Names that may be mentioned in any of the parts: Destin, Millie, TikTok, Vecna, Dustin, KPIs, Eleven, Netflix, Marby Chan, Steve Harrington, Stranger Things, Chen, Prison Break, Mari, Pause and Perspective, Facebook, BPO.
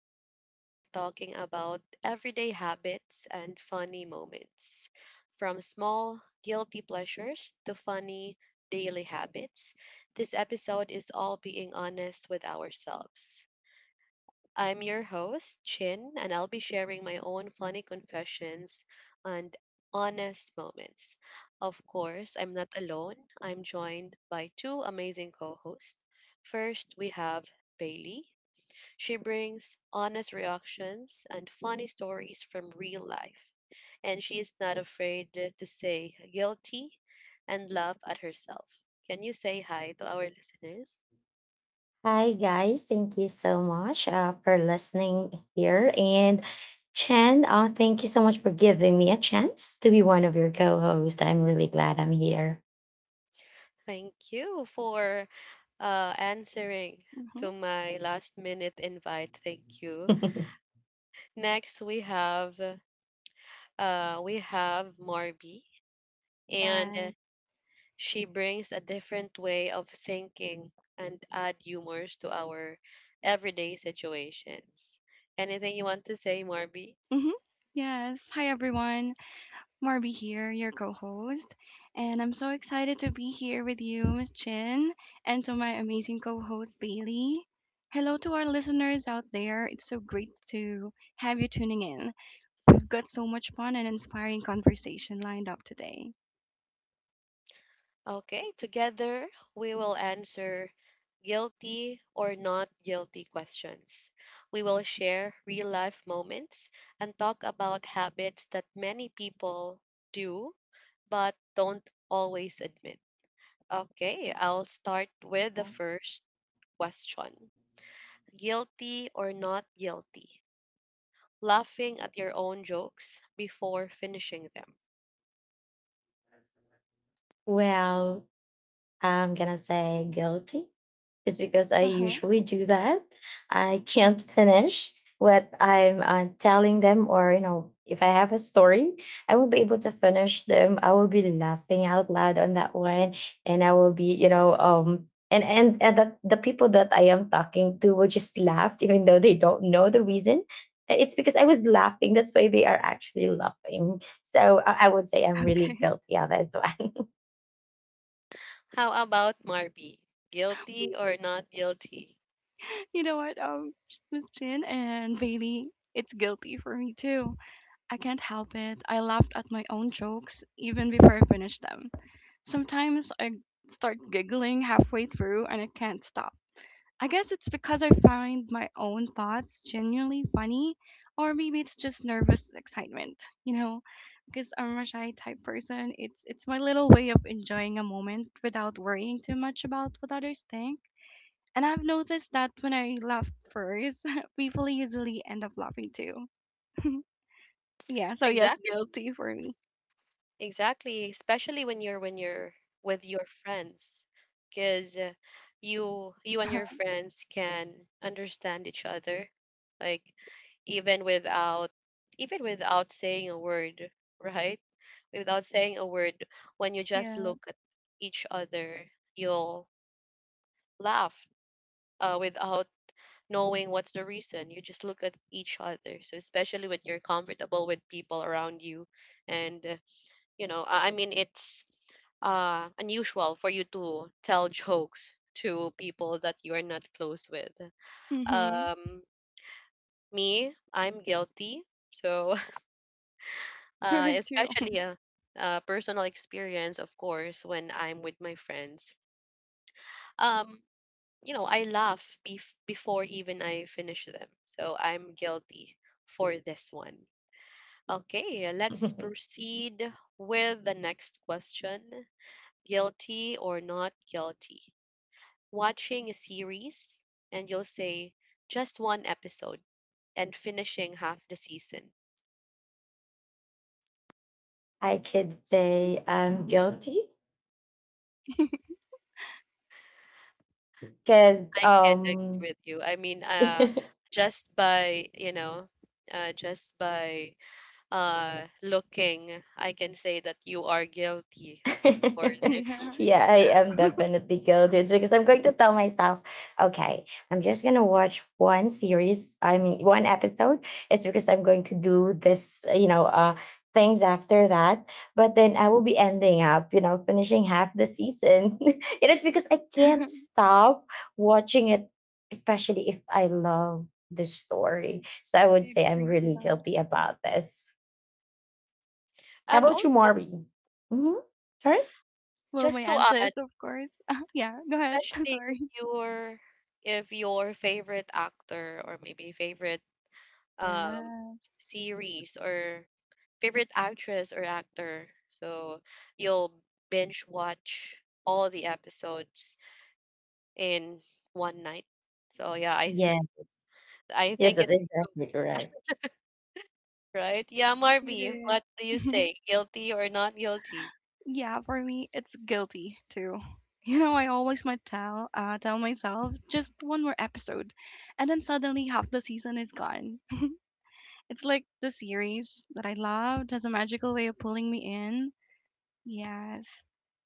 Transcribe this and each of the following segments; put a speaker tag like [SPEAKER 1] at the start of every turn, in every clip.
[SPEAKER 1] Today, we are talking about everyday habits and funny moments. From small, guilty pleasures to funny, daily habits, this episode is all being honest with ourselves. I'm your host, Chin, and I'll be sharing my own funny confessions and honest moments. Of course, I'm not alone. I'm joined by two amazing co hosts. First, we have Bailey. She brings honest reactions and funny stories from real life, and she is not afraid to say guilty and laugh at herself. Can you say hi to our listeners?
[SPEAKER 2] Hi, guys. Thank you so much for listening here. And Chen, thank you so much for giving me a chance to be one of your co hosts. I'm really glad I'm here.
[SPEAKER 1] Thank you for answering
[SPEAKER 3] Mhm.
[SPEAKER 1] to my last minute invite. Thank you. Next, we have we have Marby, and
[SPEAKER 3] Yes.
[SPEAKER 1] she brings a different way of thinking and add humors to our everyday situations. Anything you want to say, Marby?
[SPEAKER 3] Mhm. Yes. Hi everyone. Marby here, your co-host, and I'm so excited to be here with you, Miss Chin, and to my amazing co-host Bailey. Hello to our listeners out there. It's so great to have you tuning in. We've got so much fun and inspiring conversation lined up today.
[SPEAKER 1] Okay, together we will answer guilty or not guilty questions. We will share real life moments and talk about habits that many people do but don't always admit. Okay, I'll start with the first question. Guilty or not guilty? Laughing at your own jokes before finishing them.
[SPEAKER 2] well, I'm going to say guilty. It's because I
[SPEAKER 3] Uh-huh.
[SPEAKER 2] usually do that. I can't finish what I'm telling them, or you know, if I have a story, I will be able to finish them. I will be laughing out loud on that one, and I will be, you know, and that the people that I am talking to will just laugh, even though they don't know the reason. It's because I was laughing. That's why they are actually laughing. So I would say I'm really
[SPEAKER 3] Okay.
[SPEAKER 2] guilty of this one.
[SPEAKER 1] How about Marby? Guilty or not guilty?
[SPEAKER 3] You know what, um, Miss Chin and Bailey, it's guilty for me too. I can't help it. I laughed at my own jokes even before I finished them. Sometimes I start giggling halfway through and I can't stop. I guess it's because I find my own thoughts genuinely funny, or maybe it's just nervous excitement, Because I'm a shy type person, it's my little way of enjoying a moment without worrying too much about what others think. And I've noticed that when I laugh first, people usually end up laughing too. Yeah, so yes,
[SPEAKER 1] Exactly.
[SPEAKER 3] guilty for me.
[SPEAKER 1] Exactly, especially when you're with your friends, because you and your
[SPEAKER 3] Uh-huh.
[SPEAKER 1] friends can understand each other, like even without even without saying a word, right? Without saying a word, when you just
[SPEAKER 3] Yeah.
[SPEAKER 1] look at each other, you'll laugh without knowing what's the reason. You just look at each other. So especially when you're comfortable with people around you, and I mean, it's unusual for you to tell jokes to people that you are not close with.
[SPEAKER 3] Mhm.
[SPEAKER 1] Um, Me, I'm guilty. So,
[SPEAKER 3] You're too.
[SPEAKER 1] especially a personal experience, of course, when I'm with my friends. Um, I laugh before even I finish them. So, I'm guilty for this one. Okay, let's proceed with the next question. Guilty or not guilty. Watching a series and you'll say just one episode and finishing half the season.
[SPEAKER 2] I could say I'm guilty. Cause
[SPEAKER 1] I can
[SPEAKER 2] um
[SPEAKER 1] agree with you. I mean, just by just by looking, I can say that you are guilty for this one.
[SPEAKER 3] Yeah.
[SPEAKER 2] yeah, I am definitely guilty because I'm going to tell myself, okay, I'm just gonna watch one series. I mean, one episode. It's because I'm going to do this, you know, things after that. But then I will be ending up, you know, finishing half the season. And it's because I can't stop watching it, especially if I love the story. So I
[SPEAKER 3] I
[SPEAKER 2] would say I'm
[SPEAKER 3] agree a
[SPEAKER 2] really
[SPEAKER 3] lot.
[SPEAKER 2] guilty about this. How
[SPEAKER 1] And
[SPEAKER 2] about you,
[SPEAKER 1] also,
[SPEAKER 2] Mari? Hmm? Sorry?
[SPEAKER 3] Well, my
[SPEAKER 1] just to
[SPEAKER 3] answer
[SPEAKER 1] add,
[SPEAKER 3] is, of course, yeah, go ahead.
[SPEAKER 1] especially
[SPEAKER 3] Sorry.
[SPEAKER 1] if your favorite actor or maybe favorite um
[SPEAKER 3] Yeah.
[SPEAKER 1] series or favorite actress or actor. So you'll binge watch all the episodes in one night. So yeah, I think
[SPEAKER 2] Yeah.
[SPEAKER 1] I
[SPEAKER 2] Yes,
[SPEAKER 1] think
[SPEAKER 2] that
[SPEAKER 1] it's
[SPEAKER 2] is.
[SPEAKER 1] true, right? Yeah, Marby,
[SPEAKER 3] It
[SPEAKER 1] what do you
[SPEAKER 3] is.
[SPEAKER 1] say? Guilty or not guilty?
[SPEAKER 3] Yeah, for me, it's guilty too. You know, I always might tell myself just one more episode, and then suddenly half the season is gone. It's like the series that I loved has a magical way of pulling me in. Yes,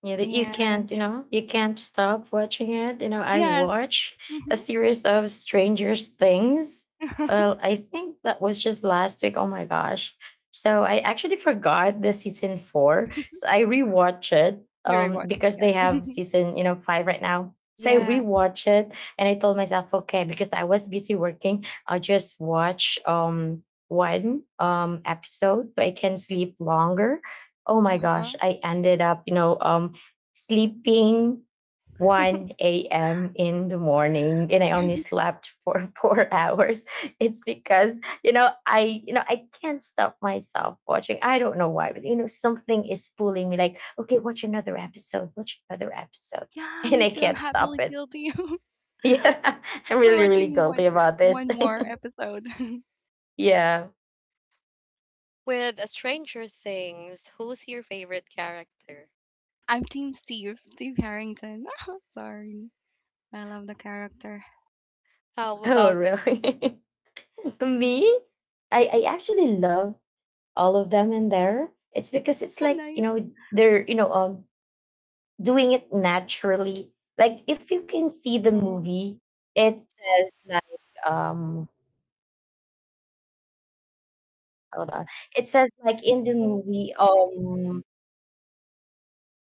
[SPEAKER 2] Yeah, that you
[SPEAKER 3] and
[SPEAKER 2] can't, you know, you can't stop watching it. You know, I
[SPEAKER 3] yes,
[SPEAKER 2] watch a
[SPEAKER 3] mhm.
[SPEAKER 2] series of Stranger Things. Well, I think that was just last week. Oh my gosh. So I actually forgot the season four. So I rewatch it
[SPEAKER 3] You rewatched it
[SPEAKER 2] because they have
[SPEAKER 3] again.
[SPEAKER 2] season, you know, five right now. So I
[SPEAKER 3] Yes,
[SPEAKER 2] rewatch it and I told myself, okay, because I was busy working, I'll just watch one episode so I can sleep longer. Oh
[SPEAKER 3] uh
[SPEAKER 2] my
[SPEAKER 3] huh.
[SPEAKER 2] gosh, I ended up, you know, sleeping 1 a.m. in the morning and I only slept for 4 hours. It's because, you know, you know, I can't stop myself watching. I don't know why, but you know, something is pulling me like, okay, watch another episode, watch another episode.
[SPEAKER 3] Yeah,
[SPEAKER 2] And
[SPEAKER 3] me
[SPEAKER 2] I
[SPEAKER 3] too. I'm
[SPEAKER 2] can't stop
[SPEAKER 3] happily
[SPEAKER 2] it.
[SPEAKER 3] guilty.
[SPEAKER 2] Yeah. I'm
[SPEAKER 3] For
[SPEAKER 2] really, really
[SPEAKER 3] watching one
[SPEAKER 2] guilty about this.
[SPEAKER 3] one more episode.
[SPEAKER 2] Yeah.
[SPEAKER 1] With a Stranger Things, who's your favorite character?
[SPEAKER 3] I'm Team Steve, Steve Harrington. Sorry, I love the character.
[SPEAKER 1] How
[SPEAKER 2] Oh,
[SPEAKER 1] about
[SPEAKER 2] really? Me? I actually love all of them in there. It's because it's
[SPEAKER 3] Oh,
[SPEAKER 2] like, you
[SPEAKER 3] nice.
[SPEAKER 2] know, they're, you know, doing it naturally. Like if you can see the
[SPEAKER 3] Mhm.
[SPEAKER 2] movie, it says like um hold on. It says like in the movie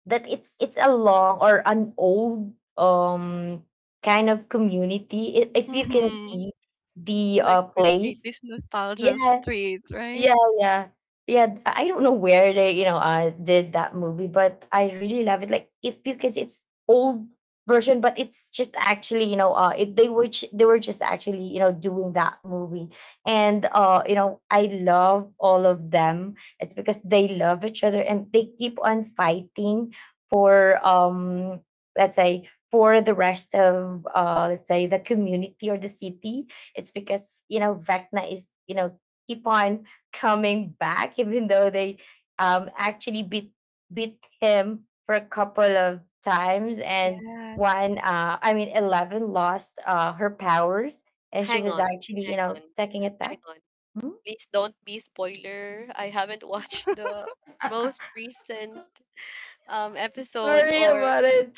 [SPEAKER 2] that it's a long or an old kind of community. If you can
[SPEAKER 3] Mhm.
[SPEAKER 2] see the
[SPEAKER 3] Like with 80s
[SPEAKER 2] place.
[SPEAKER 3] nostalgia
[SPEAKER 2] Yeah.
[SPEAKER 3] streets, right?
[SPEAKER 2] Yeah, yeah. Yeah, I don't know where they, you know, did that movie, but I really love it. Like, if you could, it's old version, but it's just actually, you know, they were they were just actually, you know, doing that movie, and you know, I love all of them. It's because they love each other and they keep on fighting for, let's say, for the rest of, let's say, the community or the city. It's because you know, Vecna is, you know, keep on coming back, even though they actually beat him for a couple of times. And
[SPEAKER 3] Yes.
[SPEAKER 2] one, I mean, Eleven lost her powers, and she
[SPEAKER 1] hang
[SPEAKER 2] was
[SPEAKER 1] on,
[SPEAKER 2] actually,
[SPEAKER 1] hang
[SPEAKER 2] you
[SPEAKER 1] on,
[SPEAKER 2] know, taking it
[SPEAKER 1] hang
[SPEAKER 2] back.
[SPEAKER 1] on.
[SPEAKER 2] Hmm?
[SPEAKER 1] Please don't be spoiler. I haven't watched the most recent episode
[SPEAKER 2] Sorry
[SPEAKER 1] or
[SPEAKER 2] about it.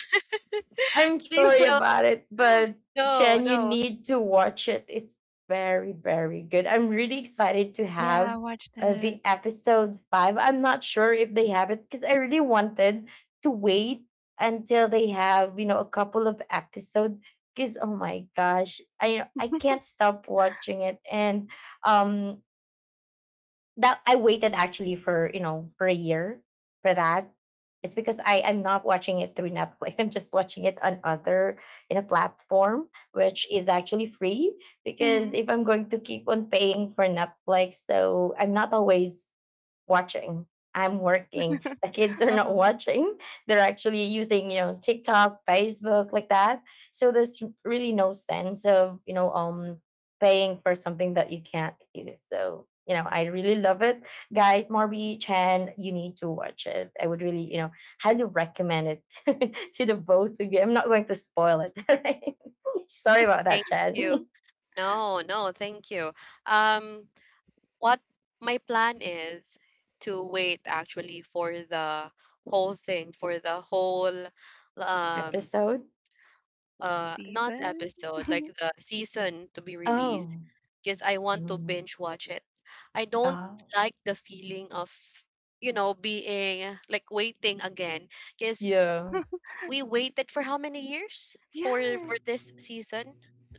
[SPEAKER 2] I'm
[SPEAKER 1] please.
[SPEAKER 2] sorry about it, but
[SPEAKER 1] No,
[SPEAKER 2] Jen, you
[SPEAKER 1] no,
[SPEAKER 2] need to watch it. It's very, very good. I'm really excited to have
[SPEAKER 3] Yeah, I watched
[SPEAKER 2] the
[SPEAKER 3] it.
[SPEAKER 2] episode five. I'm not sure if they have it because I really wanted to wait until they have, you know, a couple of episodes. Because oh my gosh, I can't stop watching it, and um, that I waited actually for you know for a year for that. It's because I'm not watching it through Netflix. I'm just watching it on other in a platform which is actually free. Because
[SPEAKER 3] Mhm.
[SPEAKER 2] if I'm going to keep on paying for Netflix, so I'm not always watching. I'm working. The kids are
[SPEAKER 3] Uh
[SPEAKER 2] not
[SPEAKER 3] huh.
[SPEAKER 2] watching. They're actually using, you know, TikTok, Facebook, like that. So there's really no sense of, you know, paying for something that you can't use. So, you know, I really love it. Guys, Marby Chan, you need to watch it. I would really, you know, highly recommend it to the both of you. I'm not going to spoil it. Right? Sorry about that,
[SPEAKER 1] thank
[SPEAKER 2] Chan.
[SPEAKER 1] you. No, no, thank you. Um, what my plan is to wait actually for the whole thing, for the whole um
[SPEAKER 2] Episode.
[SPEAKER 3] The
[SPEAKER 1] uh, not
[SPEAKER 3] seasons.
[SPEAKER 1] episode, like the season to be
[SPEAKER 3] Mhm.
[SPEAKER 1] released,
[SPEAKER 2] Oh.
[SPEAKER 1] because I want to
[SPEAKER 2] Mm.
[SPEAKER 1] binge watch it. I don't
[SPEAKER 2] Oh.
[SPEAKER 1] like the feeling of, you know, being like waiting again, because
[SPEAKER 2] Yeah.
[SPEAKER 1] we waited for how many years
[SPEAKER 3] Yeah.
[SPEAKER 1] for this season?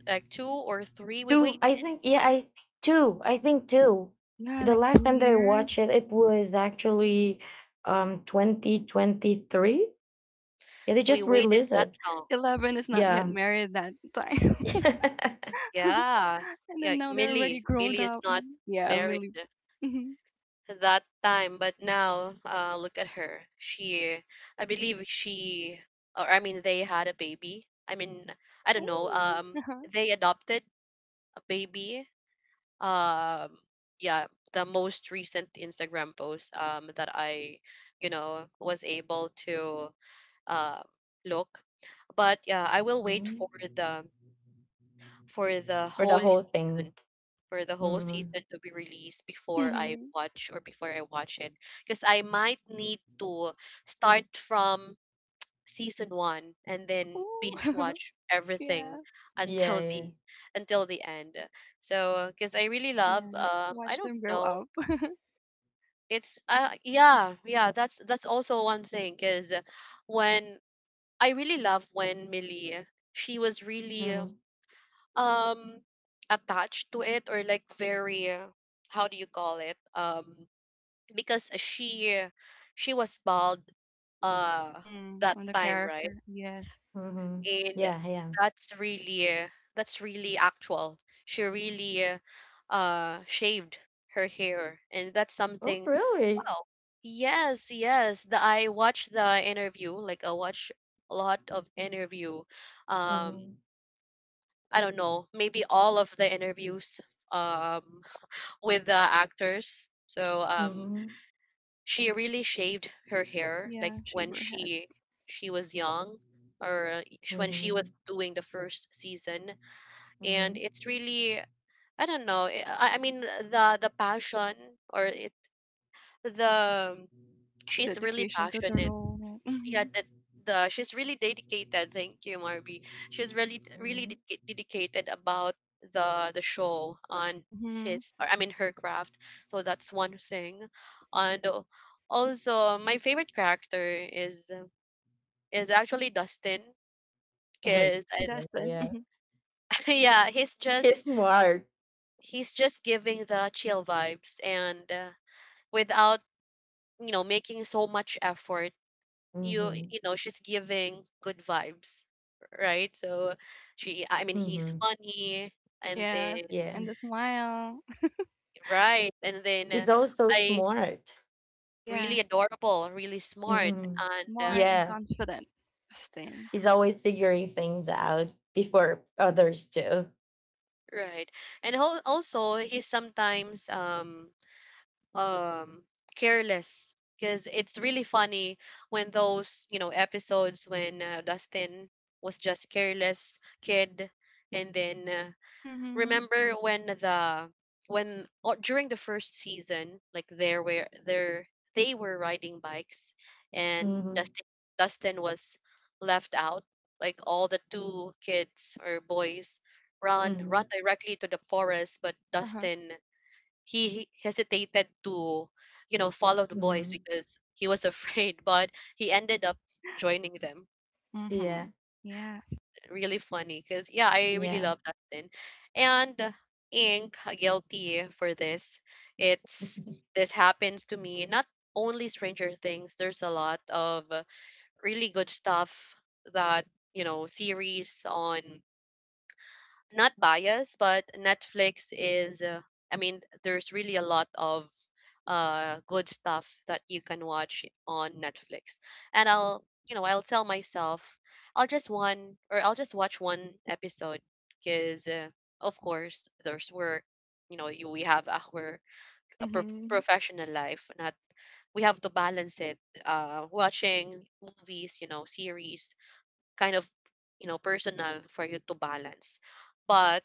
[SPEAKER 1] Like two or three? We
[SPEAKER 2] Two,
[SPEAKER 1] wait.
[SPEAKER 2] I think. Yeah, I two. I think two.
[SPEAKER 3] Yeah,
[SPEAKER 2] The
[SPEAKER 3] like
[SPEAKER 2] last
[SPEAKER 3] two
[SPEAKER 2] time that I
[SPEAKER 3] years.
[SPEAKER 2] watched it, it was actually 2023. Yeah, they
[SPEAKER 1] We
[SPEAKER 2] just
[SPEAKER 1] waited
[SPEAKER 3] Like
[SPEAKER 2] released
[SPEAKER 1] that
[SPEAKER 2] it.
[SPEAKER 1] long.
[SPEAKER 3] Eleven is not yet
[SPEAKER 2] Yeah.
[SPEAKER 3] married that time.
[SPEAKER 1] Yeah,
[SPEAKER 3] And
[SPEAKER 1] yeah.
[SPEAKER 3] then now they're already
[SPEAKER 1] Millie,
[SPEAKER 3] grown
[SPEAKER 1] Millie is
[SPEAKER 3] up.
[SPEAKER 1] not
[SPEAKER 3] Mhm. Yeah, I'm
[SPEAKER 1] married
[SPEAKER 3] really. Mhm.
[SPEAKER 1] that time, but now look at her. She, I believe she, or I mean, they had a baby. I mean, I don't know.
[SPEAKER 3] Ooh. Uh-huh.
[SPEAKER 1] They adopted a baby. um yeah the most recent Instagram post that I, you know, was able to um look. But yeah, I will wait
[SPEAKER 2] Mhm.
[SPEAKER 1] the for the
[SPEAKER 2] For the
[SPEAKER 1] whole
[SPEAKER 2] whole thing.
[SPEAKER 1] season, for the whole
[SPEAKER 2] Hmm.
[SPEAKER 1] season to be released before I
[SPEAKER 3] Mhm.
[SPEAKER 1] watch or before I watch it, because I might need to start from season one and then
[SPEAKER 3] Ooh.
[SPEAKER 1] binge watch
[SPEAKER 3] Yeah.
[SPEAKER 1] everything
[SPEAKER 2] Yeah,
[SPEAKER 1] until
[SPEAKER 2] yeah.
[SPEAKER 1] the until the end. So because I really love,
[SPEAKER 3] Yeah, like watch
[SPEAKER 1] I don't
[SPEAKER 3] them grow
[SPEAKER 1] know,
[SPEAKER 3] up.
[SPEAKER 1] it's that's also one thing because when I really love when Millie, she was really
[SPEAKER 2] Hmm.
[SPEAKER 1] um attached to it or like very how do you call it, because she was bald uh
[SPEAKER 3] Mhm.
[SPEAKER 1] that
[SPEAKER 3] On the
[SPEAKER 1] time, right?
[SPEAKER 3] character. Yes.
[SPEAKER 2] Hmm.
[SPEAKER 1] And
[SPEAKER 2] Yeah, yeah.
[SPEAKER 1] that's really that's really actual. She really shaved her hair, and that's
[SPEAKER 2] Oh,
[SPEAKER 1] something.
[SPEAKER 2] really?
[SPEAKER 1] Wow. Yes, yes, I watched the interview, like I watched a lot of interview, um
[SPEAKER 2] Hmm.
[SPEAKER 1] I don't know, maybe all of the interviews um with the actors. So
[SPEAKER 2] Hmm.
[SPEAKER 1] she really shaved her hair like
[SPEAKER 3] Yeah, shave
[SPEAKER 1] when
[SPEAKER 3] her head.
[SPEAKER 1] she was young or when she was
[SPEAKER 2] Hmm.
[SPEAKER 1] doing the first season.
[SPEAKER 2] Hmm.
[SPEAKER 1] And
[SPEAKER 2] Hmm.
[SPEAKER 1] it's really, I don't know. I mean the passion or it the she's really
[SPEAKER 3] Dedication to the
[SPEAKER 1] passionate.
[SPEAKER 3] role. Right?
[SPEAKER 1] Yeah,
[SPEAKER 3] Mhm.
[SPEAKER 1] that the she's really dedicated. Thank you, Marby. She's really really dedicated about the show on
[SPEAKER 3] Mhm.
[SPEAKER 1] his or I mean her craft. So that's one thing, and also my favorite character is actually Dustin
[SPEAKER 2] Yeah.
[SPEAKER 1] because
[SPEAKER 3] Oh, Destin.
[SPEAKER 2] Yeah.
[SPEAKER 3] Mhm.
[SPEAKER 1] yeah
[SPEAKER 2] He's smart.
[SPEAKER 1] he's just giving the chill vibes and without you know making so much effort. you
[SPEAKER 2] Hmm.
[SPEAKER 1] you know, she's giving good vibes, right? So she, I mean he's
[SPEAKER 2] Hmm.
[SPEAKER 1] funny. And
[SPEAKER 3] Yes.
[SPEAKER 1] then
[SPEAKER 2] Yeah.
[SPEAKER 3] And the smile.
[SPEAKER 1] right, and then
[SPEAKER 2] He's also
[SPEAKER 1] I,
[SPEAKER 2] smart.
[SPEAKER 1] really
[SPEAKER 3] Yeah.
[SPEAKER 1] adorable, really smart,
[SPEAKER 2] Mhm.
[SPEAKER 1] and
[SPEAKER 3] Smart and
[SPEAKER 2] Yeah,
[SPEAKER 3] confident. Destin.
[SPEAKER 2] he's always figuring things out before others do.
[SPEAKER 1] right. And also he sometimes um careless, because it's really funny when those, you know, episodes when Dustin was just careless kid. And then
[SPEAKER 3] Mhm.
[SPEAKER 1] remember when the when or during the first season, like there were there they were riding bikes, and
[SPEAKER 2] Mhm.
[SPEAKER 1] Dustin was left out, like all the two kids or boys run
[SPEAKER 2] Mhm.
[SPEAKER 1] directly to the forest. But
[SPEAKER 3] Uh-huh.
[SPEAKER 1] Dustin, he hesitated to, you know, follow the boys
[SPEAKER 2] Mhm.
[SPEAKER 1] because he was afraid, but he ended up joining them.
[SPEAKER 2] Yeah.
[SPEAKER 3] Mhm. Yeah.
[SPEAKER 1] Really funny because, yeah, I really
[SPEAKER 2] Yeah.
[SPEAKER 1] love that scene. And Ink, guilty for this. It's this happens to me, not only Stranger Things. There's a lot of really good stuff that, you know, series on, not biased, but Netflix is, I mean, there's really a lot of good stuff that you can watch on Netflix. And I'll, you know, I'll tell myself, I'll just one or I'll just watch one episode because, of course, there's work. You know, we have our
[SPEAKER 3] Mhm.
[SPEAKER 1] professional life. Not, we have to balance it. Watching movies, you know, series, kind of, you know, personal for you to balance. But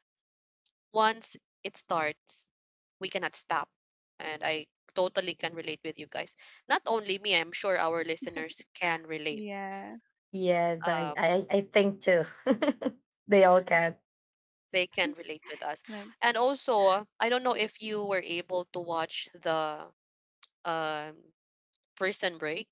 [SPEAKER 1] once it starts, we cannot stop. And I totally can relate with you guys. Not only me, I'm sure our listeners can relate.
[SPEAKER 3] Yeah.
[SPEAKER 2] Yes, I,
[SPEAKER 1] Uh,
[SPEAKER 2] I I think too. They all can.
[SPEAKER 1] they can relate with us.
[SPEAKER 3] Like
[SPEAKER 1] And also, I don't know if you were able to watch the um, Prison Break.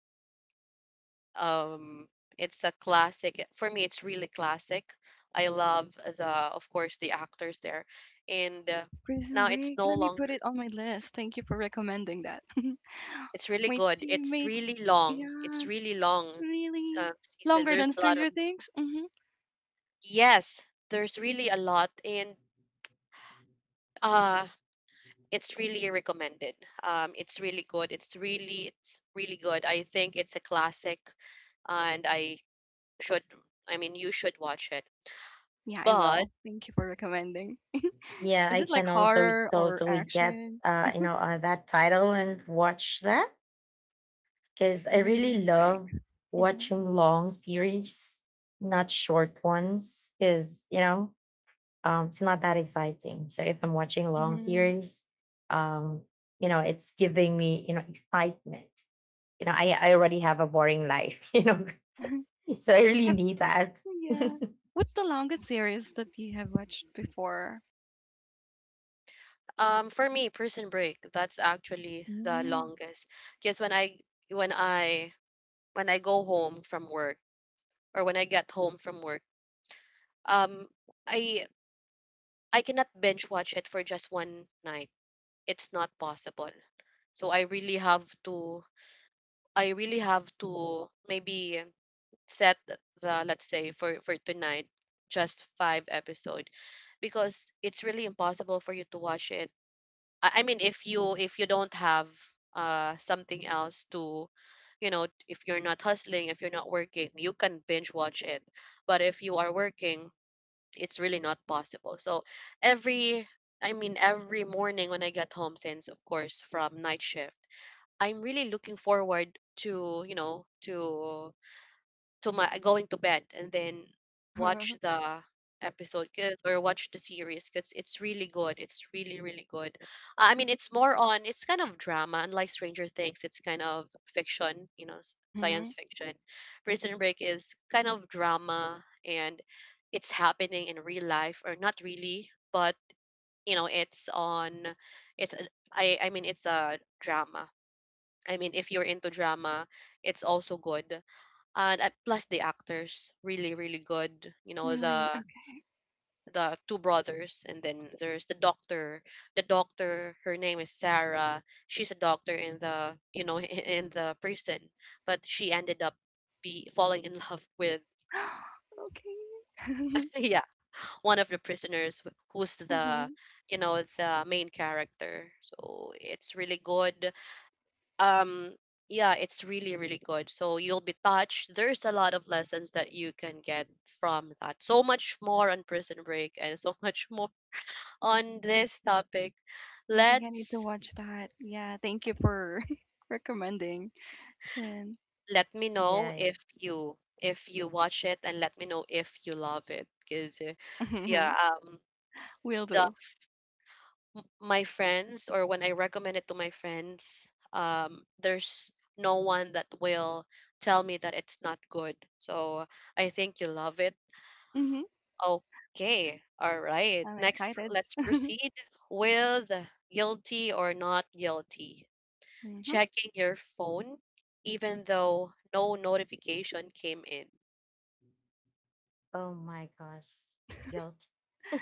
[SPEAKER 1] Um, it's a classic. For me, it's really classic. I love the, of course, the actors there. And
[SPEAKER 3] Prison
[SPEAKER 1] now it's
[SPEAKER 3] Break.
[SPEAKER 1] no
[SPEAKER 3] Let me put
[SPEAKER 1] longer.
[SPEAKER 3] it on my list. Thank you for recommending that.
[SPEAKER 1] It's really
[SPEAKER 3] My
[SPEAKER 1] good. It's
[SPEAKER 3] teammates.
[SPEAKER 1] really long. It's
[SPEAKER 3] Yeah,
[SPEAKER 1] really long
[SPEAKER 3] really.
[SPEAKER 1] season.
[SPEAKER 3] Longer
[SPEAKER 1] There's
[SPEAKER 3] than
[SPEAKER 1] a lot of.
[SPEAKER 3] Stranger Things. Mm-hmm.
[SPEAKER 1] Yes, there's really a lot, and uh, it's really recommended. It's really good. It's really good. I think it's a classic, and I should. I mean, you should watch it.
[SPEAKER 3] Yeah, I
[SPEAKER 1] But
[SPEAKER 3] will. Thank you for recommending.
[SPEAKER 2] Yeah,
[SPEAKER 3] Is
[SPEAKER 2] I
[SPEAKER 3] it like
[SPEAKER 2] can also
[SPEAKER 3] horror or
[SPEAKER 2] totally get
[SPEAKER 3] action?
[SPEAKER 2] you know that title and watch that because I
[SPEAKER 3] Prison
[SPEAKER 2] really
[SPEAKER 3] Break.
[SPEAKER 2] love
[SPEAKER 3] Mm-hmm.
[SPEAKER 2] watching long series, not short ones. Because you know it's not that exciting. So if I'm watching long
[SPEAKER 3] Mm-hmm.
[SPEAKER 2] series, um, you know, it's giving me, you know, excitement. I already have a boring life, you know, so I really
[SPEAKER 3] Have,
[SPEAKER 2] need that. Yeah,
[SPEAKER 3] yeah. What's the longest series that you have watched before?
[SPEAKER 1] for me, Prison Break, that's actually the
[SPEAKER 3] Mm.
[SPEAKER 1] longest. Because when I when I go home from work or when I get home from work, um, I I cannot binge watch it for just one night. It's not possible. So I really have to I really have to maybe set the, let's say for tonight just five episode, because it's really impossible for you to watch it. I mean if you don't have something else to, you know, if you're not hustling, if you're not working, you can binge watch it. But if you are working, it's really not possible. So every every morning when I get home, since of course from night shift, I'm really looking forward to, you know, to my going to bed and then
[SPEAKER 3] Mm-hmm.
[SPEAKER 1] watch the or watch the series because it's really good it's really really good. It's more on, it's kind of drama. Unlike Stranger Things, it's kind of fiction, you know, science fiction. Prison Break is kind of drama, and it's happening in real life or not really, but you know, it's on it's a- I mean it's a drama. I mean, if you're into drama, it's also good. And plus the actors really really good, you know,
[SPEAKER 3] Really?
[SPEAKER 1] the
[SPEAKER 3] Okay.
[SPEAKER 1] two brothers, and then there's the doctor. The doctor, her name is Sarah, she's a doctor in the, you know, in the prison, but she ended up be falling in love with,
[SPEAKER 3] Okay.
[SPEAKER 1] yeah, one of the prisoners, who's the,
[SPEAKER 3] Mm-hmm.
[SPEAKER 1] you know, the main character. So it's really good. um yeah, it's really really good, so you'll be touched. There's a lot of lessons that you can get from that. So much more on Prison Break and so much more on this topic.
[SPEAKER 3] I think I need to
[SPEAKER 1] let's
[SPEAKER 3] watch that. Yeah, thank you for recommending, Chin.
[SPEAKER 1] Let me know
[SPEAKER 2] yeah.
[SPEAKER 1] if you watch it, and let me know if you love it, because yeah.
[SPEAKER 3] Mhm. Will
[SPEAKER 1] The
[SPEAKER 3] do.
[SPEAKER 1] f- my friends, or when I recommend it to my friends, um, there's no one that will tell me that it's not good, so I think you love it.
[SPEAKER 3] Hmm.
[SPEAKER 1] Okay, all right.
[SPEAKER 3] I'm
[SPEAKER 1] Next,
[SPEAKER 3] excited.
[SPEAKER 1] let's proceed with guilty or not guilty.
[SPEAKER 3] Mhm.
[SPEAKER 1] Checking your phone, even though no notification came in.
[SPEAKER 2] Oh my gosh, guilt.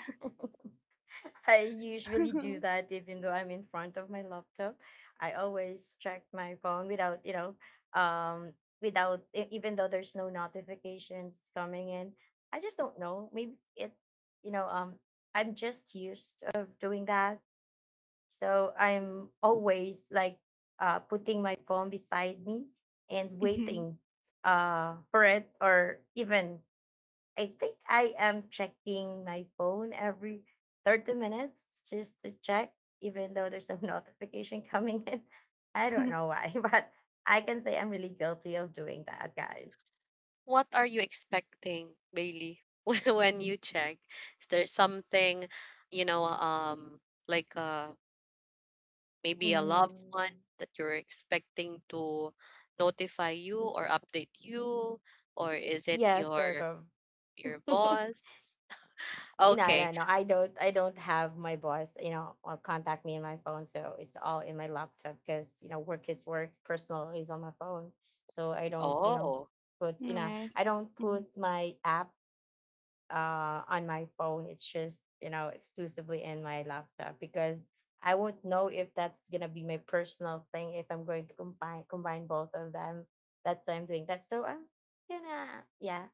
[SPEAKER 2] I usually do that even though I'm in front of my laptop. I always check my phone without, you know, um, without even though there's no notifications coming in. I just don't know. Maybe it, you know, I'm just used of doing that. So I'm always like putting my phone beside me and
[SPEAKER 3] Mhm.
[SPEAKER 2] waiting for it or even I think I am checking my phone every 30 minutes just to check, even though there's a notification coming in. I don't know why, but I can say I'm really guilty of doing that, guys.
[SPEAKER 1] What are you expecting, Bailey, when you check? Is there something, you know, like maybe a loved one
[SPEAKER 2] Mm,
[SPEAKER 1] that you're expecting to notify you or update you, or is it
[SPEAKER 2] yeah,
[SPEAKER 1] your
[SPEAKER 2] sort of. No,
[SPEAKER 1] boss? Okay.
[SPEAKER 2] no, no. I don't. I don't have my boss. You know, or contact me in my phone, so it's all in my laptop because you know work is work, personal is on my phone. So I don't, you know,
[SPEAKER 1] Oh,
[SPEAKER 3] Nice.
[SPEAKER 2] I don't
[SPEAKER 3] Mhm.
[SPEAKER 2] put my app on my phone. It's just, you know, exclusively in my laptop because I won't know if that's gonna be my personal thing if I'm going to combine both of them. That's why I'm doing that. So I'm gonna yeah.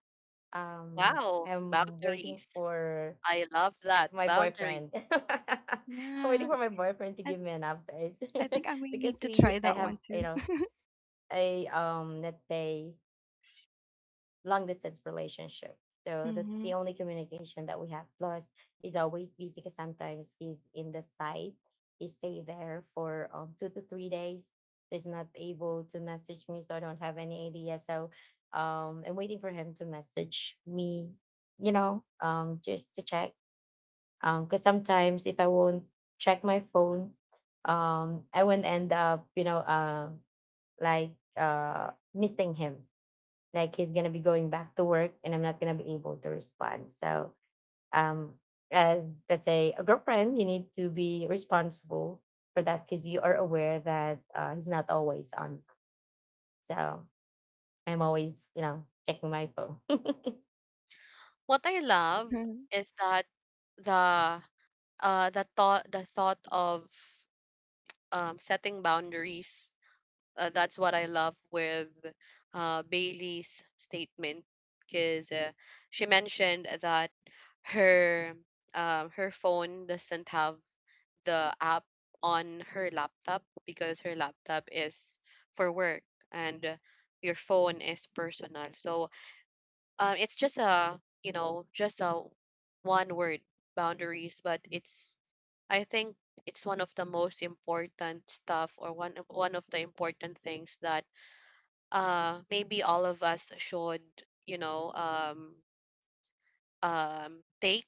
[SPEAKER 1] wow.
[SPEAKER 2] I'm waiting
[SPEAKER 1] Boundaries.
[SPEAKER 2] for
[SPEAKER 1] I love that.
[SPEAKER 2] my
[SPEAKER 1] Boundary.
[SPEAKER 2] boyfriend. I'm waiting
[SPEAKER 3] Yeah,
[SPEAKER 2] for my boyfriend to
[SPEAKER 3] I,
[SPEAKER 2] give me an update.
[SPEAKER 3] I think I will
[SPEAKER 2] Because
[SPEAKER 3] need to try
[SPEAKER 2] we I
[SPEAKER 3] that
[SPEAKER 2] have,
[SPEAKER 3] one
[SPEAKER 2] you
[SPEAKER 3] too.
[SPEAKER 2] know, a let's say long distance relationship. So that's the
[SPEAKER 3] Hmm.
[SPEAKER 2] only communication that we have. Plus, he's always busy because sometimes he's in the site. He stay there for 2 to 3 days. He's not able to message me, so I don't have any idea. So I'm waiting for him to message me, you know, just to check. Because sometimes if I won't check my phone, I won't end up, you know, missing him like he's gonna be going back to work and I'm not gonna be able to respond. So um as let's say a girlfriend, you need to be responsible for that because you are aware that he's not always on. So I'm always, you know, checking my phone.
[SPEAKER 1] What I love is that the the thought of setting boundaries. That's what I love with Bailey's statement, because she mentioned that her her phone doesn't have the app on her laptop, because her laptop is for work, and your phone is personal. So it's just a, you know, just a one word, boundaries, but it's, I think, it's one of the most important stuff, or one of the important things that maybe all of us should, you know, take,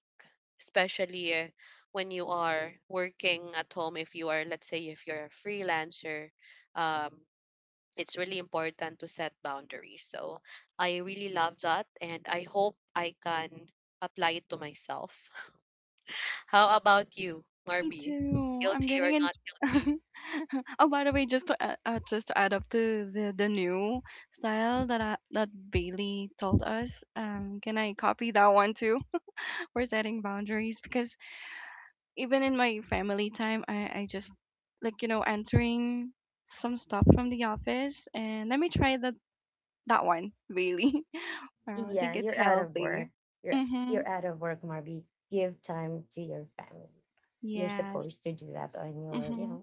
[SPEAKER 1] especially when you are working at home. If you are, let's say, if you're a freelancer, um, it's really important to set boundaries. So I really love that, and I hope I can apply it to myself. How about you,
[SPEAKER 3] Me
[SPEAKER 1] Marby?
[SPEAKER 3] too. I'm
[SPEAKER 1] Guilty or
[SPEAKER 3] getting in.
[SPEAKER 1] not guilty?
[SPEAKER 3] Oh, by the way, just to add up to the new style that I, that Bailey told us, can I copy that one too? For setting boundaries because even in my family time, I just like, you know, entering some stuff from the office and let me try that that one really. I
[SPEAKER 2] Yeah,
[SPEAKER 3] think it's
[SPEAKER 2] you're out of work.
[SPEAKER 3] healthy.
[SPEAKER 2] You're
[SPEAKER 3] Mhm.
[SPEAKER 2] you're out of work, Marby. Give time to your family. You're
[SPEAKER 3] Yes.
[SPEAKER 2] supposed to do that on your, you
[SPEAKER 3] Mhm.
[SPEAKER 2] know,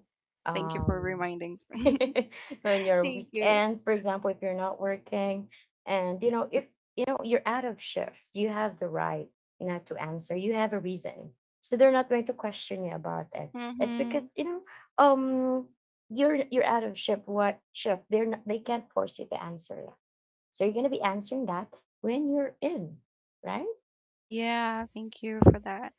[SPEAKER 3] Thank you for
[SPEAKER 2] um
[SPEAKER 3] reminding.
[SPEAKER 2] on your
[SPEAKER 3] Thank you.
[SPEAKER 2] weekends, for example, if you're not working. And you know, if you know you're out of shift, you have the right not to answer. You have a reason. So they're not going to question you about it. It's because,
[SPEAKER 3] Mhm.
[SPEAKER 2] you know, um you're out of shift. What shift? They can't force you to answer so you're gonna be answering that when you're in, right?
[SPEAKER 3] Yeah, thank you for that.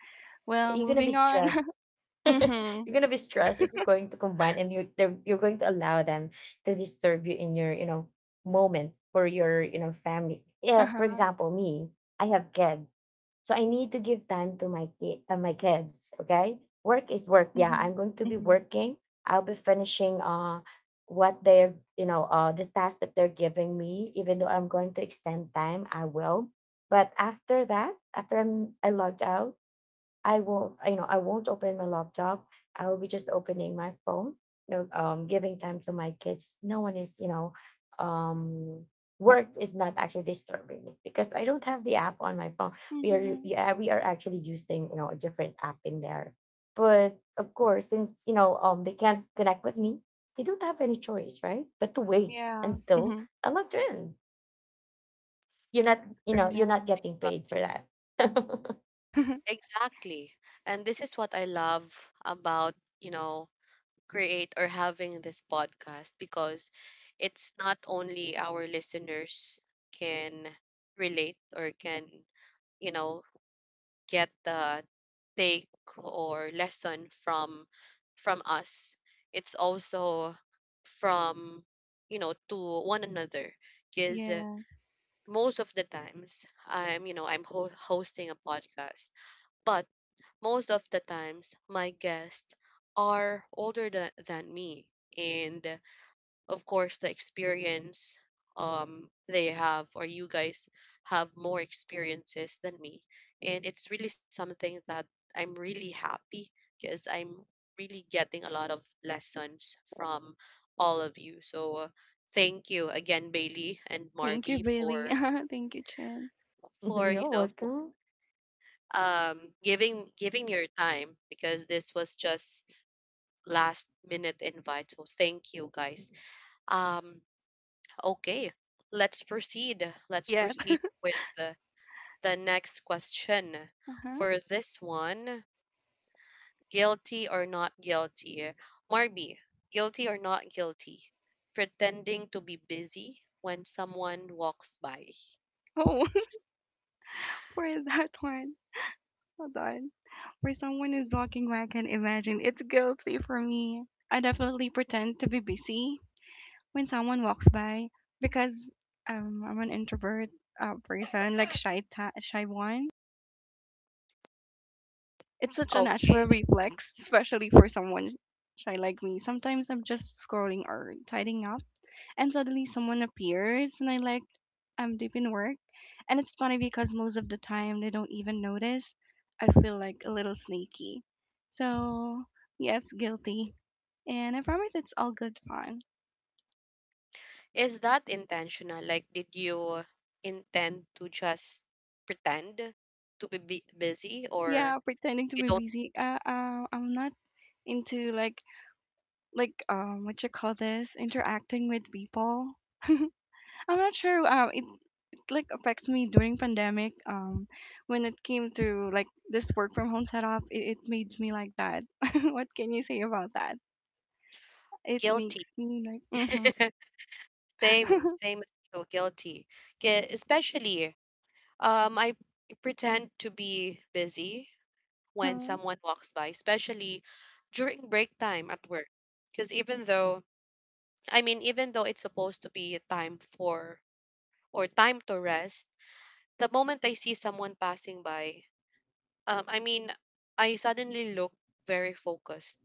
[SPEAKER 3] Well,
[SPEAKER 2] You're gonna be
[SPEAKER 3] moving on.
[SPEAKER 2] stressed.
[SPEAKER 3] Mhm.
[SPEAKER 2] You're gonna be stressed if you're going to combine and you're going to allow them to disturb you in your you know moment for your you know family. Yeah, for
[SPEAKER 3] Uh-huh.
[SPEAKER 2] example, me, I have kids. So I need to give time to my my kids. Okay, work is work. Yeah, I'm
[SPEAKER 3] Mhm.
[SPEAKER 2] going to be
[SPEAKER 3] Mhm.
[SPEAKER 2] working. I'll be finishing what they're you know the task that they're giving me. Even though I'm going to extend time, I will. But after that, after I logged out, I won't, you know, I won't open the laptop. I will be just opening my phone, you know, giving time to my kids. No one is, you know, um, work is not actually disturbing me because I don't have the app on my phone. We are,
[SPEAKER 3] Mhm.
[SPEAKER 2] yeah, we are actually using, a different app in there. But of course, since they can't connect with me. They don't have any choice, right? But to wait
[SPEAKER 3] Yeah.
[SPEAKER 2] until
[SPEAKER 3] Mhm.
[SPEAKER 2] I logged in.
[SPEAKER 3] Very
[SPEAKER 1] This is
[SPEAKER 2] You're
[SPEAKER 1] what
[SPEAKER 3] nice.
[SPEAKER 2] not getting
[SPEAKER 1] I love.
[SPEAKER 2] paid for that.
[SPEAKER 1] Exactly. And this is what I love about, you know, create or having this podcast, because it's not only our listeners can relate or can, you know, get the take or lesson from us, it's also from, you know, to one another. Because
[SPEAKER 3] Yeah.
[SPEAKER 1] most of the times I'm, you know, hosting a podcast, but most of the times my guests are older than me, and of course the experience they have, or you guys have more experiences than me, and it's really something that I'm really happy, because I'm really getting a lot of lessons from all of you. So thank you again, Bailey and
[SPEAKER 3] Thank you,
[SPEAKER 1] Marby,
[SPEAKER 3] Bailey.
[SPEAKER 1] for
[SPEAKER 3] Thank you, Jim.
[SPEAKER 1] for you
[SPEAKER 2] You're
[SPEAKER 1] know for,
[SPEAKER 2] welcome.
[SPEAKER 1] giving your time, because this was just last minute invite. So thank you guys. um Okay, Let's
[SPEAKER 3] Yes.
[SPEAKER 1] proceed with the next question.
[SPEAKER 3] Uh-huh.
[SPEAKER 1] For this one, guilty or not guilty? Marby, guilty or not guilty? Pretending to be busy when someone walks by.
[SPEAKER 3] Oh, where is that one. Hold on. For someone who's walking where I can imagine, it's guilty for me. I definitely pretend to be busy when someone walks by because I'm an introvert person, like shy, shy one. It's such a natural
[SPEAKER 1] Okay.
[SPEAKER 3] reflex, especially for someone shy like me. Sometimes I'm just scrolling or tidying up and suddenly someone appears and I like I'm deep in work. And it's funny because most of the time they don't even notice. I feel like a little sneaky. So yes, guilty. And I promise it's all good fun.
[SPEAKER 1] Is that intentional? Like, did you intend to just pretend to be busy, or
[SPEAKER 3] Yeah, pretending to
[SPEAKER 1] you
[SPEAKER 3] be
[SPEAKER 1] don't,
[SPEAKER 3] busy. I'm not into like what you call this, interacting with people. I'm not sure. It like affects me during pandemic when it came to like this work from home setup, it made me like that. What can you say about that? It makes
[SPEAKER 1] guilty?
[SPEAKER 3] me like mm-hmm,
[SPEAKER 1] Same, same as you, guilty. Especially, um, I pretend to be busy when
[SPEAKER 3] uh-huh,
[SPEAKER 1] someone walks by, especially during break time at work. Because even though, even though it's supposed to be a time for or time to rest, the moment I see someone passing by, um, I mean, I suddenly look very focused.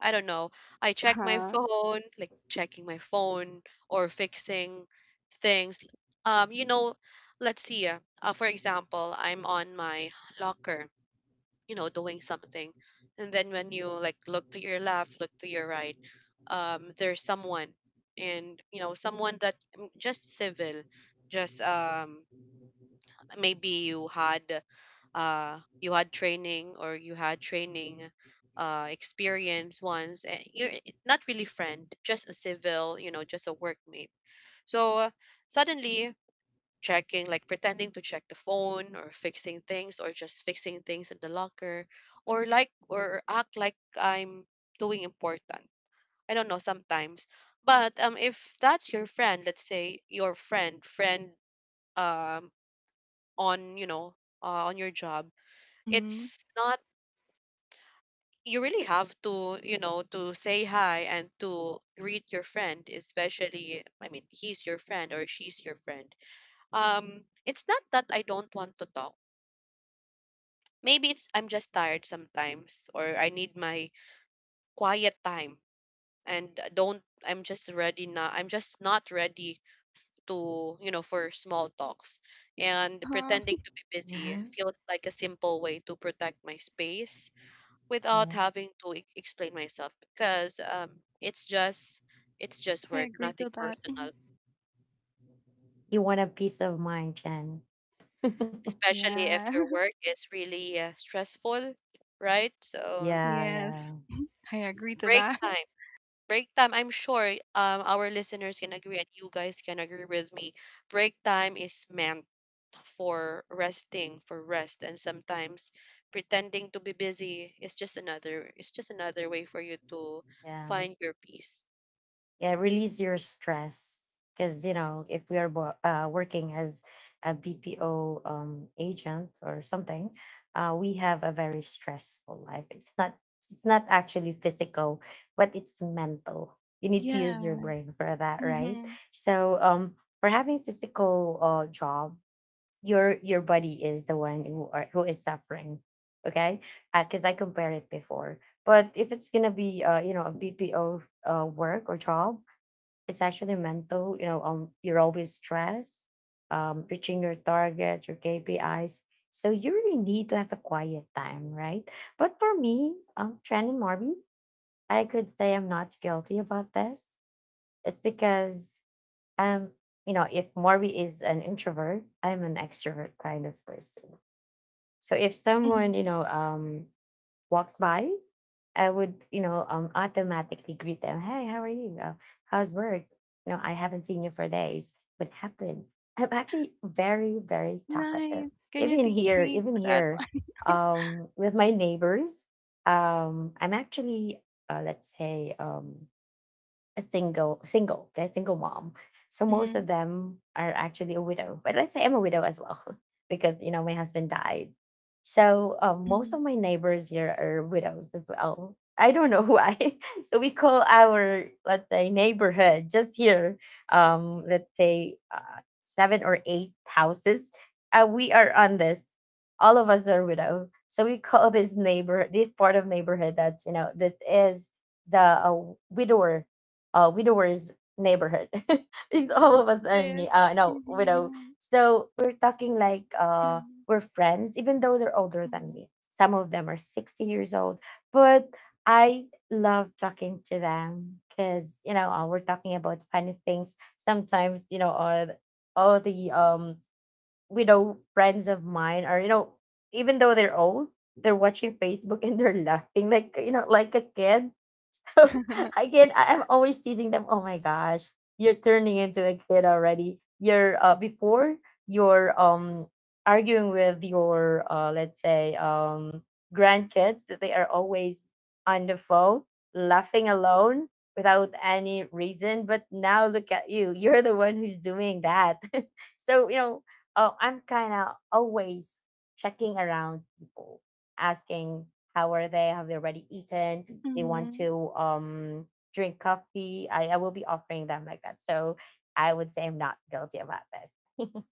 [SPEAKER 1] I don't know. I check my
[SPEAKER 3] uh-huh,
[SPEAKER 1] phone, like checking my phone or fixing things. You know, let's see. For example, I'm on my locker, you know, doing something, and then when you like look to your left, look to your right, there's someone, and you know, someone that mm, just civil, just maybe you had training, or you had training experience once, and you're eh, not really friend, just a civil, you know, just a workmate. So suddenly checking, like pretending to check the phone or fixing things, or just fixing things in the locker, or like or act like I'm doing important. I don't know sometimes. But if that's your friend, let's say your friend friend um on, you know, on your job,
[SPEAKER 3] mm-hmm,
[SPEAKER 1] it's not, you really have to, you know, to say hi and to greet your friend, especially I mean, he's your friend or she's your friend. Um, it's not that I don't want to talk. Maybe it's I'm just tired sometimes, or I need my quiet time, and don't I'm just ready now. I'm just not ready to, you know, for small talks. And pretending
[SPEAKER 3] uh-huh.
[SPEAKER 1] to be busy
[SPEAKER 2] Hmm.
[SPEAKER 1] feels like a simple way to protect my space without having to explain myself, because it's just, it's just
[SPEAKER 3] I
[SPEAKER 1] work,
[SPEAKER 3] agree
[SPEAKER 1] nothing
[SPEAKER 3] to that. Mhm.
[SPEAKER 1] personal.
[SPEAKER 2] You want a peace of mind, Jen.
[SPEAKER 1] Especially
[SPEAKER 3] Yeah.
[SPEAKER 1] if your work is really stressful, right? So
[SPEAKER 2] Yeah,
[SPEAKER 3] Yes,
[SPEAKER 2] yeah,
[SPEAKER 3] I agree to
[SPEAKER 1] break
[SPEAKER 3] that.
[SPEAKER 1] time, I'm sure our listeners can agree and you guys can agree with me, break time is meant for resting, for rest, and sometimes pretending to be busy is just another, it's just another way for you to
[SPEAKER 2] yeah.
[SPEAKER 1] find your peace.
[SPEAKER 2] Yeah, release your stress. Because, you know, if we are working as a BPO agent or something, we have a very stressful life. It's not actually physical, but it's mental. You need to use your
[SPEAKER 3] Yeah.
[SPEAKER 2] brain for that, right?
[SPEAKER 3] Mm-hmm,
[SPEAKER 2] So, for having physical job, your body is the one who is suffering. Okay, because I compared it before. But if it's gonna be a BPO work or job, it's actually mental, you know. You're always stressed, reaching your targets, your KPIs. So you really need to have a quiet time, right? But for me, Tran and Marvin, I could say I'm not guilty about this. It's because um you know, if Marvin is an introvert, I'm an extrovert kind of person. So if someone,
[SPEAKER 3] mm-hmm.
[SPEAKER 2] walks by, I would, automatically greet them. Hey, how are you? How's work? You know, I haven't seen you for days. What happened? I'm actually very, very talkative.
[SPEAKER 3] Nice, can you teach me
[SPEAKER 2] Even
[SPEAKER 3] for that
[SPEAKER 2] here,
[SPEAKER 3] one?
[SPEAKER 2] with my neighbors, I'm actually, let's say, a single they're single mom. So most of
[SPEAKER 3] Mm-hmm,
[SPEAKER 2] them are actually a widow, but let's say I'm a widow as well. Because you know my husband died. So most
[SPEAKER 3] mm-hmm.
[SPEAKER 2] of my neighbors here are widows as well. I don't know why. So we call our, let's say, neighborhood just here, um, let's say seven or eight houses, we are on this. All of us are widow. So we call this neighbor this part of neighborhood that, you know, this is the widower, widowers neighborhood. Because all of us
[SPEAKER 3] It
[SPEAKER 2] are
[SPEAKER 3] is.
[SPEAKER 2] no widow.
[SPEAKER 3] Mm-hmm,
[SPEAKER 2] So we're talking like uh,
[SPEAKER 3] mm-hmm,
[SPEAKER 2] we're friends, even though they're older than me. Some of them are 60 years old. But I love talking to them because, you know, we're talking about funny things sometimes. You know, all the widow friends of mine are, you know, even though they're old, they're watching Facebook and they're laughing like, you know, like a kid. I can I'm always teasing them. Oh my gosh, you're turning into a kid already. You're before, you're um, arguing with your uh, let's say um, grandkids that they are always on the phone, laughing alone without any reason. But now look at you. You're the one who's doing that. So, you know, I'm kinda always checking around people, asking how are they, have they already eaten, they want
[SPEAKER 3] mm-hmm.
[SPEAKER 2] to drink coffee. I will be offering them like that. So I would say I'm not guilty about this.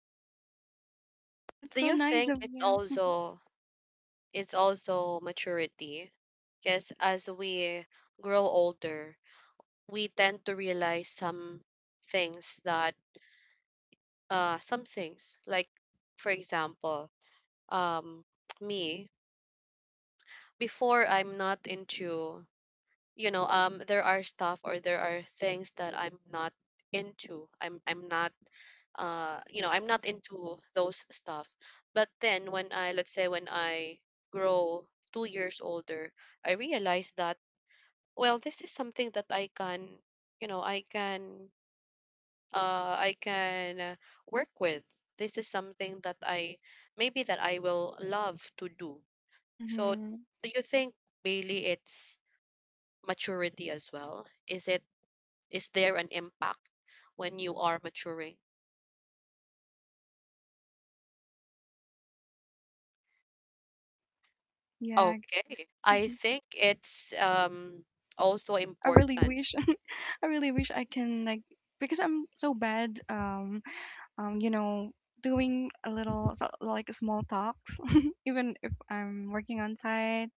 [SPEAKER 3] That's
[SPEAKER 1] Do
[SPEAKER 3] so
[SPEAKER 1] you
[SPEAKER 3] nice
[SPEAKER 1] think
[SPEAKER 3] of
[SPEAKER 1] it's
[SPEAKER 3] you.
[SPEAKER 1] also, it's also maturity, because as we grow older we tend to realize some things, that some things like, for example, um, me, before I'm not into, you know, um, there are stuff or there are things that I'm not into. I'm not, uh, you know, I'm not into those stuff. But then when I, let's say, when I grow 2 years older, I realize that, well, this is something that I can, you know, I can uh i can uh, work with. This is something that I, maybe that I will love to do. So,
[SPEAKER 3] Mm-hmm.
[SPEAKER 1] do you think mainly it's maturity as well? Is it is there an impact when you are maturing?
[SPEAKER 3] Yeah.
[SPEAKER 1] Okay. I
[SPEAKER 3] Mhm.
[SPEAKER 1] think it's also
[SPEAKER 3] I really
[SPEAKER 1] important,
[SPEAKER 3] wish I really wish I can like, because I'm so bad you know, doing a little like small talks, even if I'm working on site.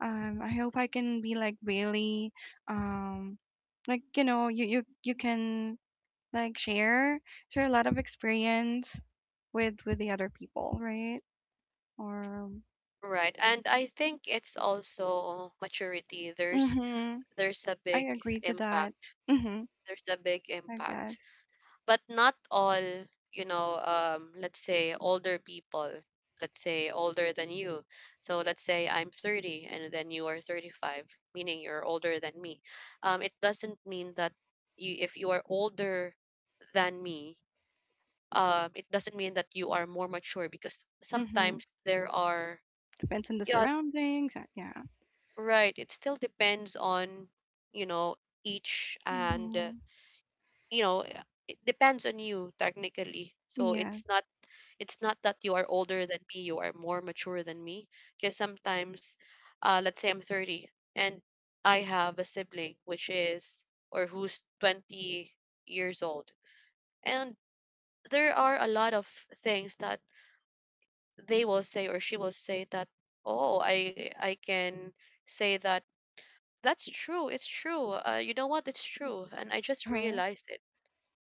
[SPEAKER 3] I hope I can be like Bailey, um like you know, you can like share a lot of experience with the other people, right? Or
[SPEAKER 1] right? And I think it's also maturity. There's
[SPEAKER 3] mm-hmm.
[SPEAKER 1] a
[SPEAKER 3] I
[SPEAKER 1] big
[SPEAKER 3] agree to that.
[SPEAKER 1] impact.
[SPEAKER 3] Mm-hmm.
[SPEAKER 1] There's a big
[SPEAKER 3] I guess.
[SPEAKER 1] impact, but not all, you know, um, let's say older people, let's say older than you, so let's say I'm 30 and then you are 35, meaning you're older than me. Um, it doesn't mean that you if you are older than me, um, it doesn't mean that you are more mature, because
[SPEAKER 3] Mm-hmm.
[SPEAKER 1] sometimes there are,
[SPEAKER 3] Depends on the
[SPEAKER 1] yeah,
[SPEAKER 3] surroundings. Yeah.
[SPEAKER 1] right, it still depends on, you know, each and
[SPEAKER 3] Hmm.
[SPEAKER 1] you know, it depends on you technically. So
[SPEAKER 3] Yeah.
[SPEAKER 1] it's not, it's not that you are older than me, you are more mature than me. Because sometimes, let's say I'm 30, and I have a sibling which is, or who's 20 years old. And there are a lot of things that they will say or she will say that, oh, I can say that that's true. It's true. You know what? It's true. And I just
[SPEAKER 3] Uh-huh.
[SPEAKER 1] realized it.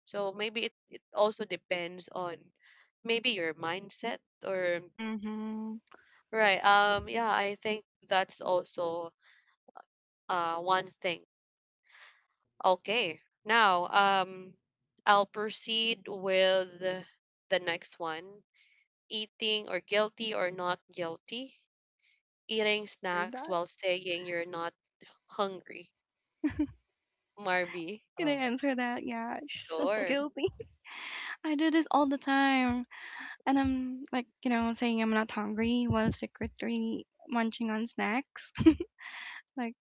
[SPEAKER 1] So maybe it also depends on maybe your mindset or,
[SPEAKER 3] Hmm.
[SPEAKER 1] right. Yeah, I think that's also one thing. Okay. Now, I'll proceed with the next one. Eating, or guilty or not guilty. Eating
[SPEAKER 3] Heard
[SPEAKER 1] snacks
[SPEAKER 3] that.
[SPEAKER 1] while saying you're not hungry. Marby.
[SPEAKER 3] Gonna
[SPEAKER 2] Oh,
[SPEAKER 3] answer that. Yeah, it's
[SPEAKER 1] Sure.
[SPEAKER 3] guilty. I do this all the time, and I'm like, you know, saying I'm not hungry while secretly munching on snacks. Like,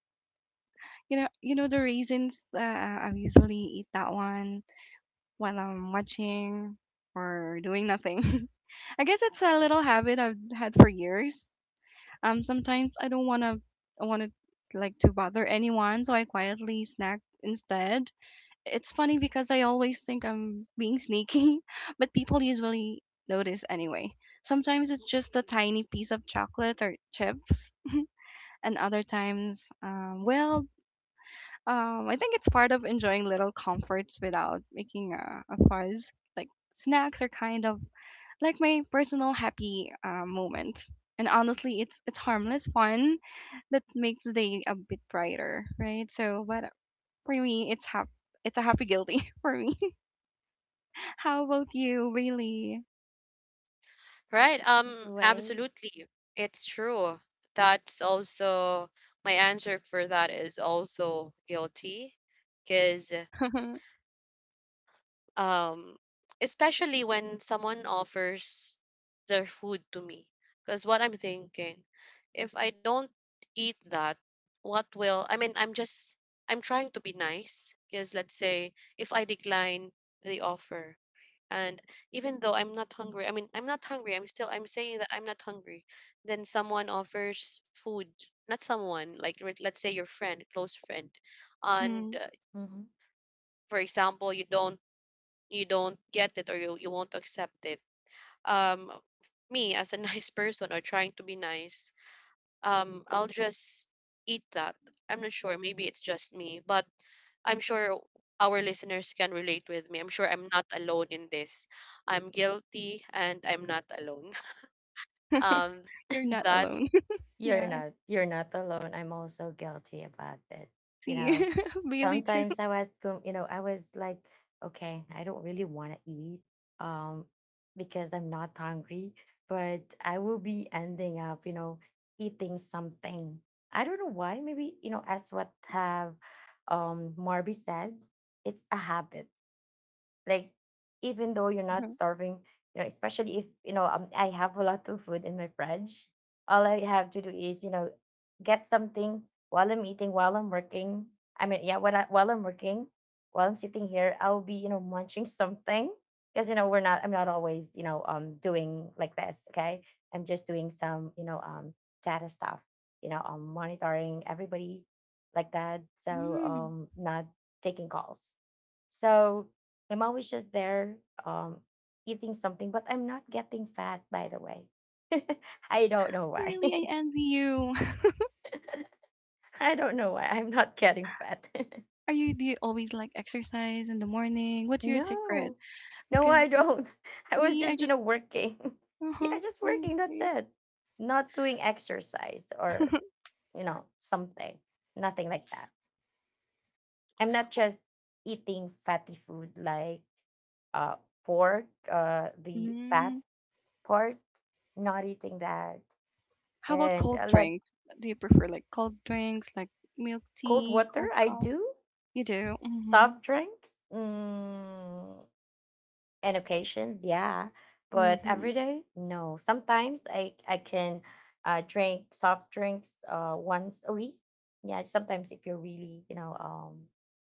[SPEAKER 3] you know the reasons I usually eat that one while I'm watching or doing nothing. I guess it's a little habit I've had for years. Sometimes I don't wanna I wanna like to bother anyone, so I quietly snack instead. It's funny because I always think I'm being sneaky, but people usually notice anyway. Sometimes it's just a tiny piece of chocolate or chips, and other times, I think it's part of enjoying little comforts without making a fuss. Like snacks are kind of like my personal happy moment, and honestly, it's harmless fun that makes the day a bit brighter, right? So, but for me, it's a happy guilty for me. How about you, Bailey?
[SPEAKER 1] Right.
[SPEAKER 2] the way.
[SPEAKER 1] Absolutely. It's true. That's also, my answer for that is also guilty. Because um, especially when someone offers their food to me, because what I'm thinking, if I don't eat that, what will I mean, I'm just, I'm trying to be nice, because let's say if I decline the offer, and even though I'm not hungry, I'm still, I'm saying that I'm not hungry, then someone offers food, not someone, like let's say your friend, close friend, and
[SPEAKER 3] Hmm.
[SPEAKER 1] for example you don't, you don't get it, or you won't accept it. Um, me as a nice person or trying to be nice, um, I'll just eat that. I'm not sure, maybe it's just me, but I'm sure our listeners can relate with me. I'm sure I'm not alone in this. I'm guilty and I'm not alone. um
[SPEAKER 3] You're not
[SPEAKER 1] that's
[SPEAKER 3] alone. Yeah, I can
[SPEAKER 2] You're not alone. I'm also guilty about it. You
[SPEAKER 3] see
[SPEAKER 2] know,
[SPEAKER 3] Bailey too.
[SPEAKER 2] sometimes I was go- you know, I was like, okay, I don't really want to eat um because I'm not hungry, but I will be ending up, you know, eating something. I don't know why. Maybe, you know, as what have Marby said, it's a habit. Like, even though you're not starving, you know, especially if, you know, I have a lot of food in my fridge, all I have to do is, you know, get something while I'm eating, while I'm working. I mean, yeah, when while I'm working, while I'm sitting here, I'll be, you know, munching something. Because, you know, we're not I'm not always, you know, um, doing like this. Okay, I'm just doing some, you know, um, data stuff, you know, um, monitoring everybody like that. So
[SPEAKER 3] Mm,
[SPEAKER 2] um, not taking calls. So I'm always just there, um, eating something, but I'm not getting fat, by the way. I don't know why.
[SPEAKER 3] really, I envy you.
[SPEAKER 2] I don't know why I'm not getting fat.
[SPEAKER 3] Are you, do you always like exercise in the morning? What's your
[SPEAKER 2] No,
[SPEAKER 3] secret?
[SPEAKER 2] no, I
[SPEAKER 3] Because
[SPEAKER 2] don't. I was
[SPEAKER 3] me,
[SPEAKER 2] just,
[SPEAKER 3] I
[SPEAKER 2] you know,
[SPEAKER 3] just
[SPEAKER 2] working. Yeah,
[SPEAKER 3] uh-huh.
[SPEAKER 2] just working. That's
[SPEAKER 3] Okay.
[SPEAKER 2] it. Not doing exercise or, you know, something, nothing like that. I'm not just eating fatty food like uh, pork, the fat
[SPEAKER 3] Mm.
[SPEAKER 2] part, not eating that.
[SPEAKER 3] How about
[SPEAKER 2] And I
[SPEAKER 3] cold
[SPEAKER 2] like
[SPEAKER 3] drinks? Do you prefer like cold drinks, like milk
[SPEAKER 2] cold
[SPEAKER 3] tea,
[SPEAKER 2] water.
[SPEAKER 3] cold
[SPEAKER 2] I
[SPEAKER 3] coffee?
[SPEAKER 2] do
[SPEAKER 3] You do, mhm,
[SPEAKER 2] soft drinks, mm, and occasions, yeah, but every
[SPEAKER 3] mhm,
[SPEAKER 2] day, no. Sometimes I can drink soft drinks once a week. Yeah, sometimes if you're really, you know, um,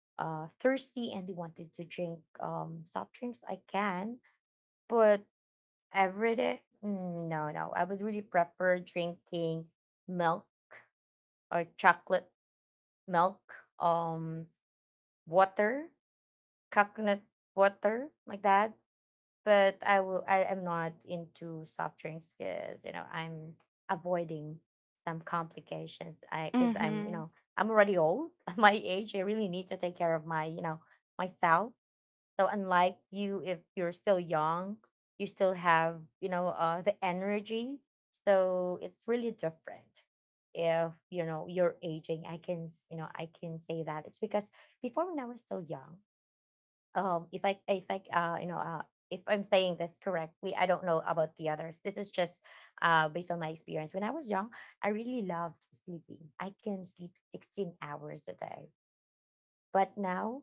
[SPEAKER 2] uh, thirsty and you wanted to drink soft drinks, I can. But every day, mm, no, no. I would really prefer drinking milk or chocolate milk. Um, water, coconut water, like that. But I will. I am not into soft drinks because, you know, I'm avoiding some complications. I, because I'm, you know,
[SPEAKER 3] mhm,
[SPEAKER 2] I'm already old. At my age, I really need to take care of my, you know, myself. So unlike you, if you're still young, you still have, you know, the energy. So it's really different. If, you know, you're aging, I can I can say that it's because before, when I was still young, um, if I uh, you know, uh, if I'm saying this correctly, I don't know about the others, this is just uh, based on my experience. When I was young, I really loved sleeping. I can sleep 16 hours a day. But now,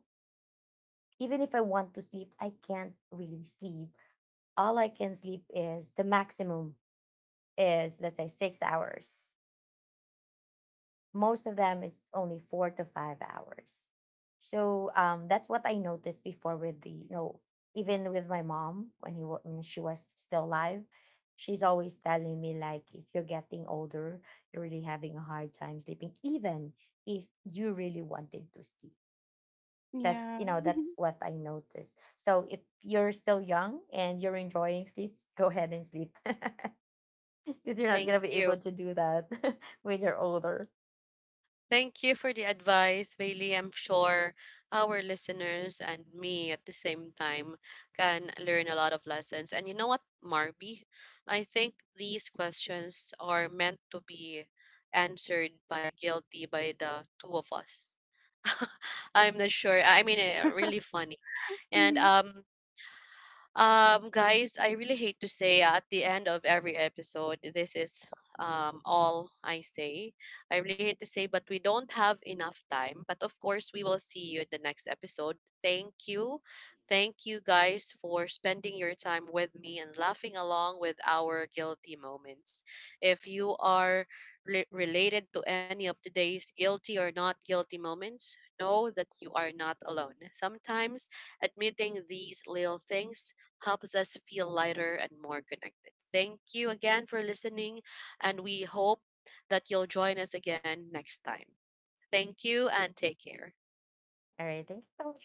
[SPEAKER 2] even if I want to sleep, I can't really sleep. All I can sleep is the maximum is, let's say, 6 hours. Most of them is only 4 to 5 hours. So that's what I noticed before with the, you know, even with my mom. When when she was still alive, she's always telling me like, if you're getting older, you're really having a hard time sleeping, even if you really wanted to sleep. That's, you
[SPEAKER 3] yeah,
[SPEAKER 2] know,
[SPEAKER 3] mhm,
[SPEAKER 2] that's what I noticed. So if you're still young and you're enjoying sleep, go ahead and sleep because you're not gonna
[SPEAKER 1] Thank
[SPEAKER 2] be able
[SPEAKER 1] you.
[SPEAKER 2] to do that when you're older.
[SPEAKER 1] Thank you for the advice, Bailey. I'm sure our listeners and me at the same time can learn a lot of lessons. And you know what, Marby? I think these questions are meant to be answered by guilty by the two of us. I'm not sure. I mean, eh, really funny. And
[SPEAKER 3] mhm.
[SPEAKER 1] guys, I really hate to say, at the end of every episode, this is all I say. I really hate to say, but we don't have enough time. But of course, we will see you in the next episode. Thank you. Thank you guys for spending your time with me and laughing along with our guilty moments. If you are related to any of today's guilty or not guilty moments, know that you are not alone. Sometimes admitting these little things helps us feel lighter and more connected. Thank you again for listening, and we hope that you'll join us again next time. Thank you and take care.
[SPEAKER 2] All right, thank you so much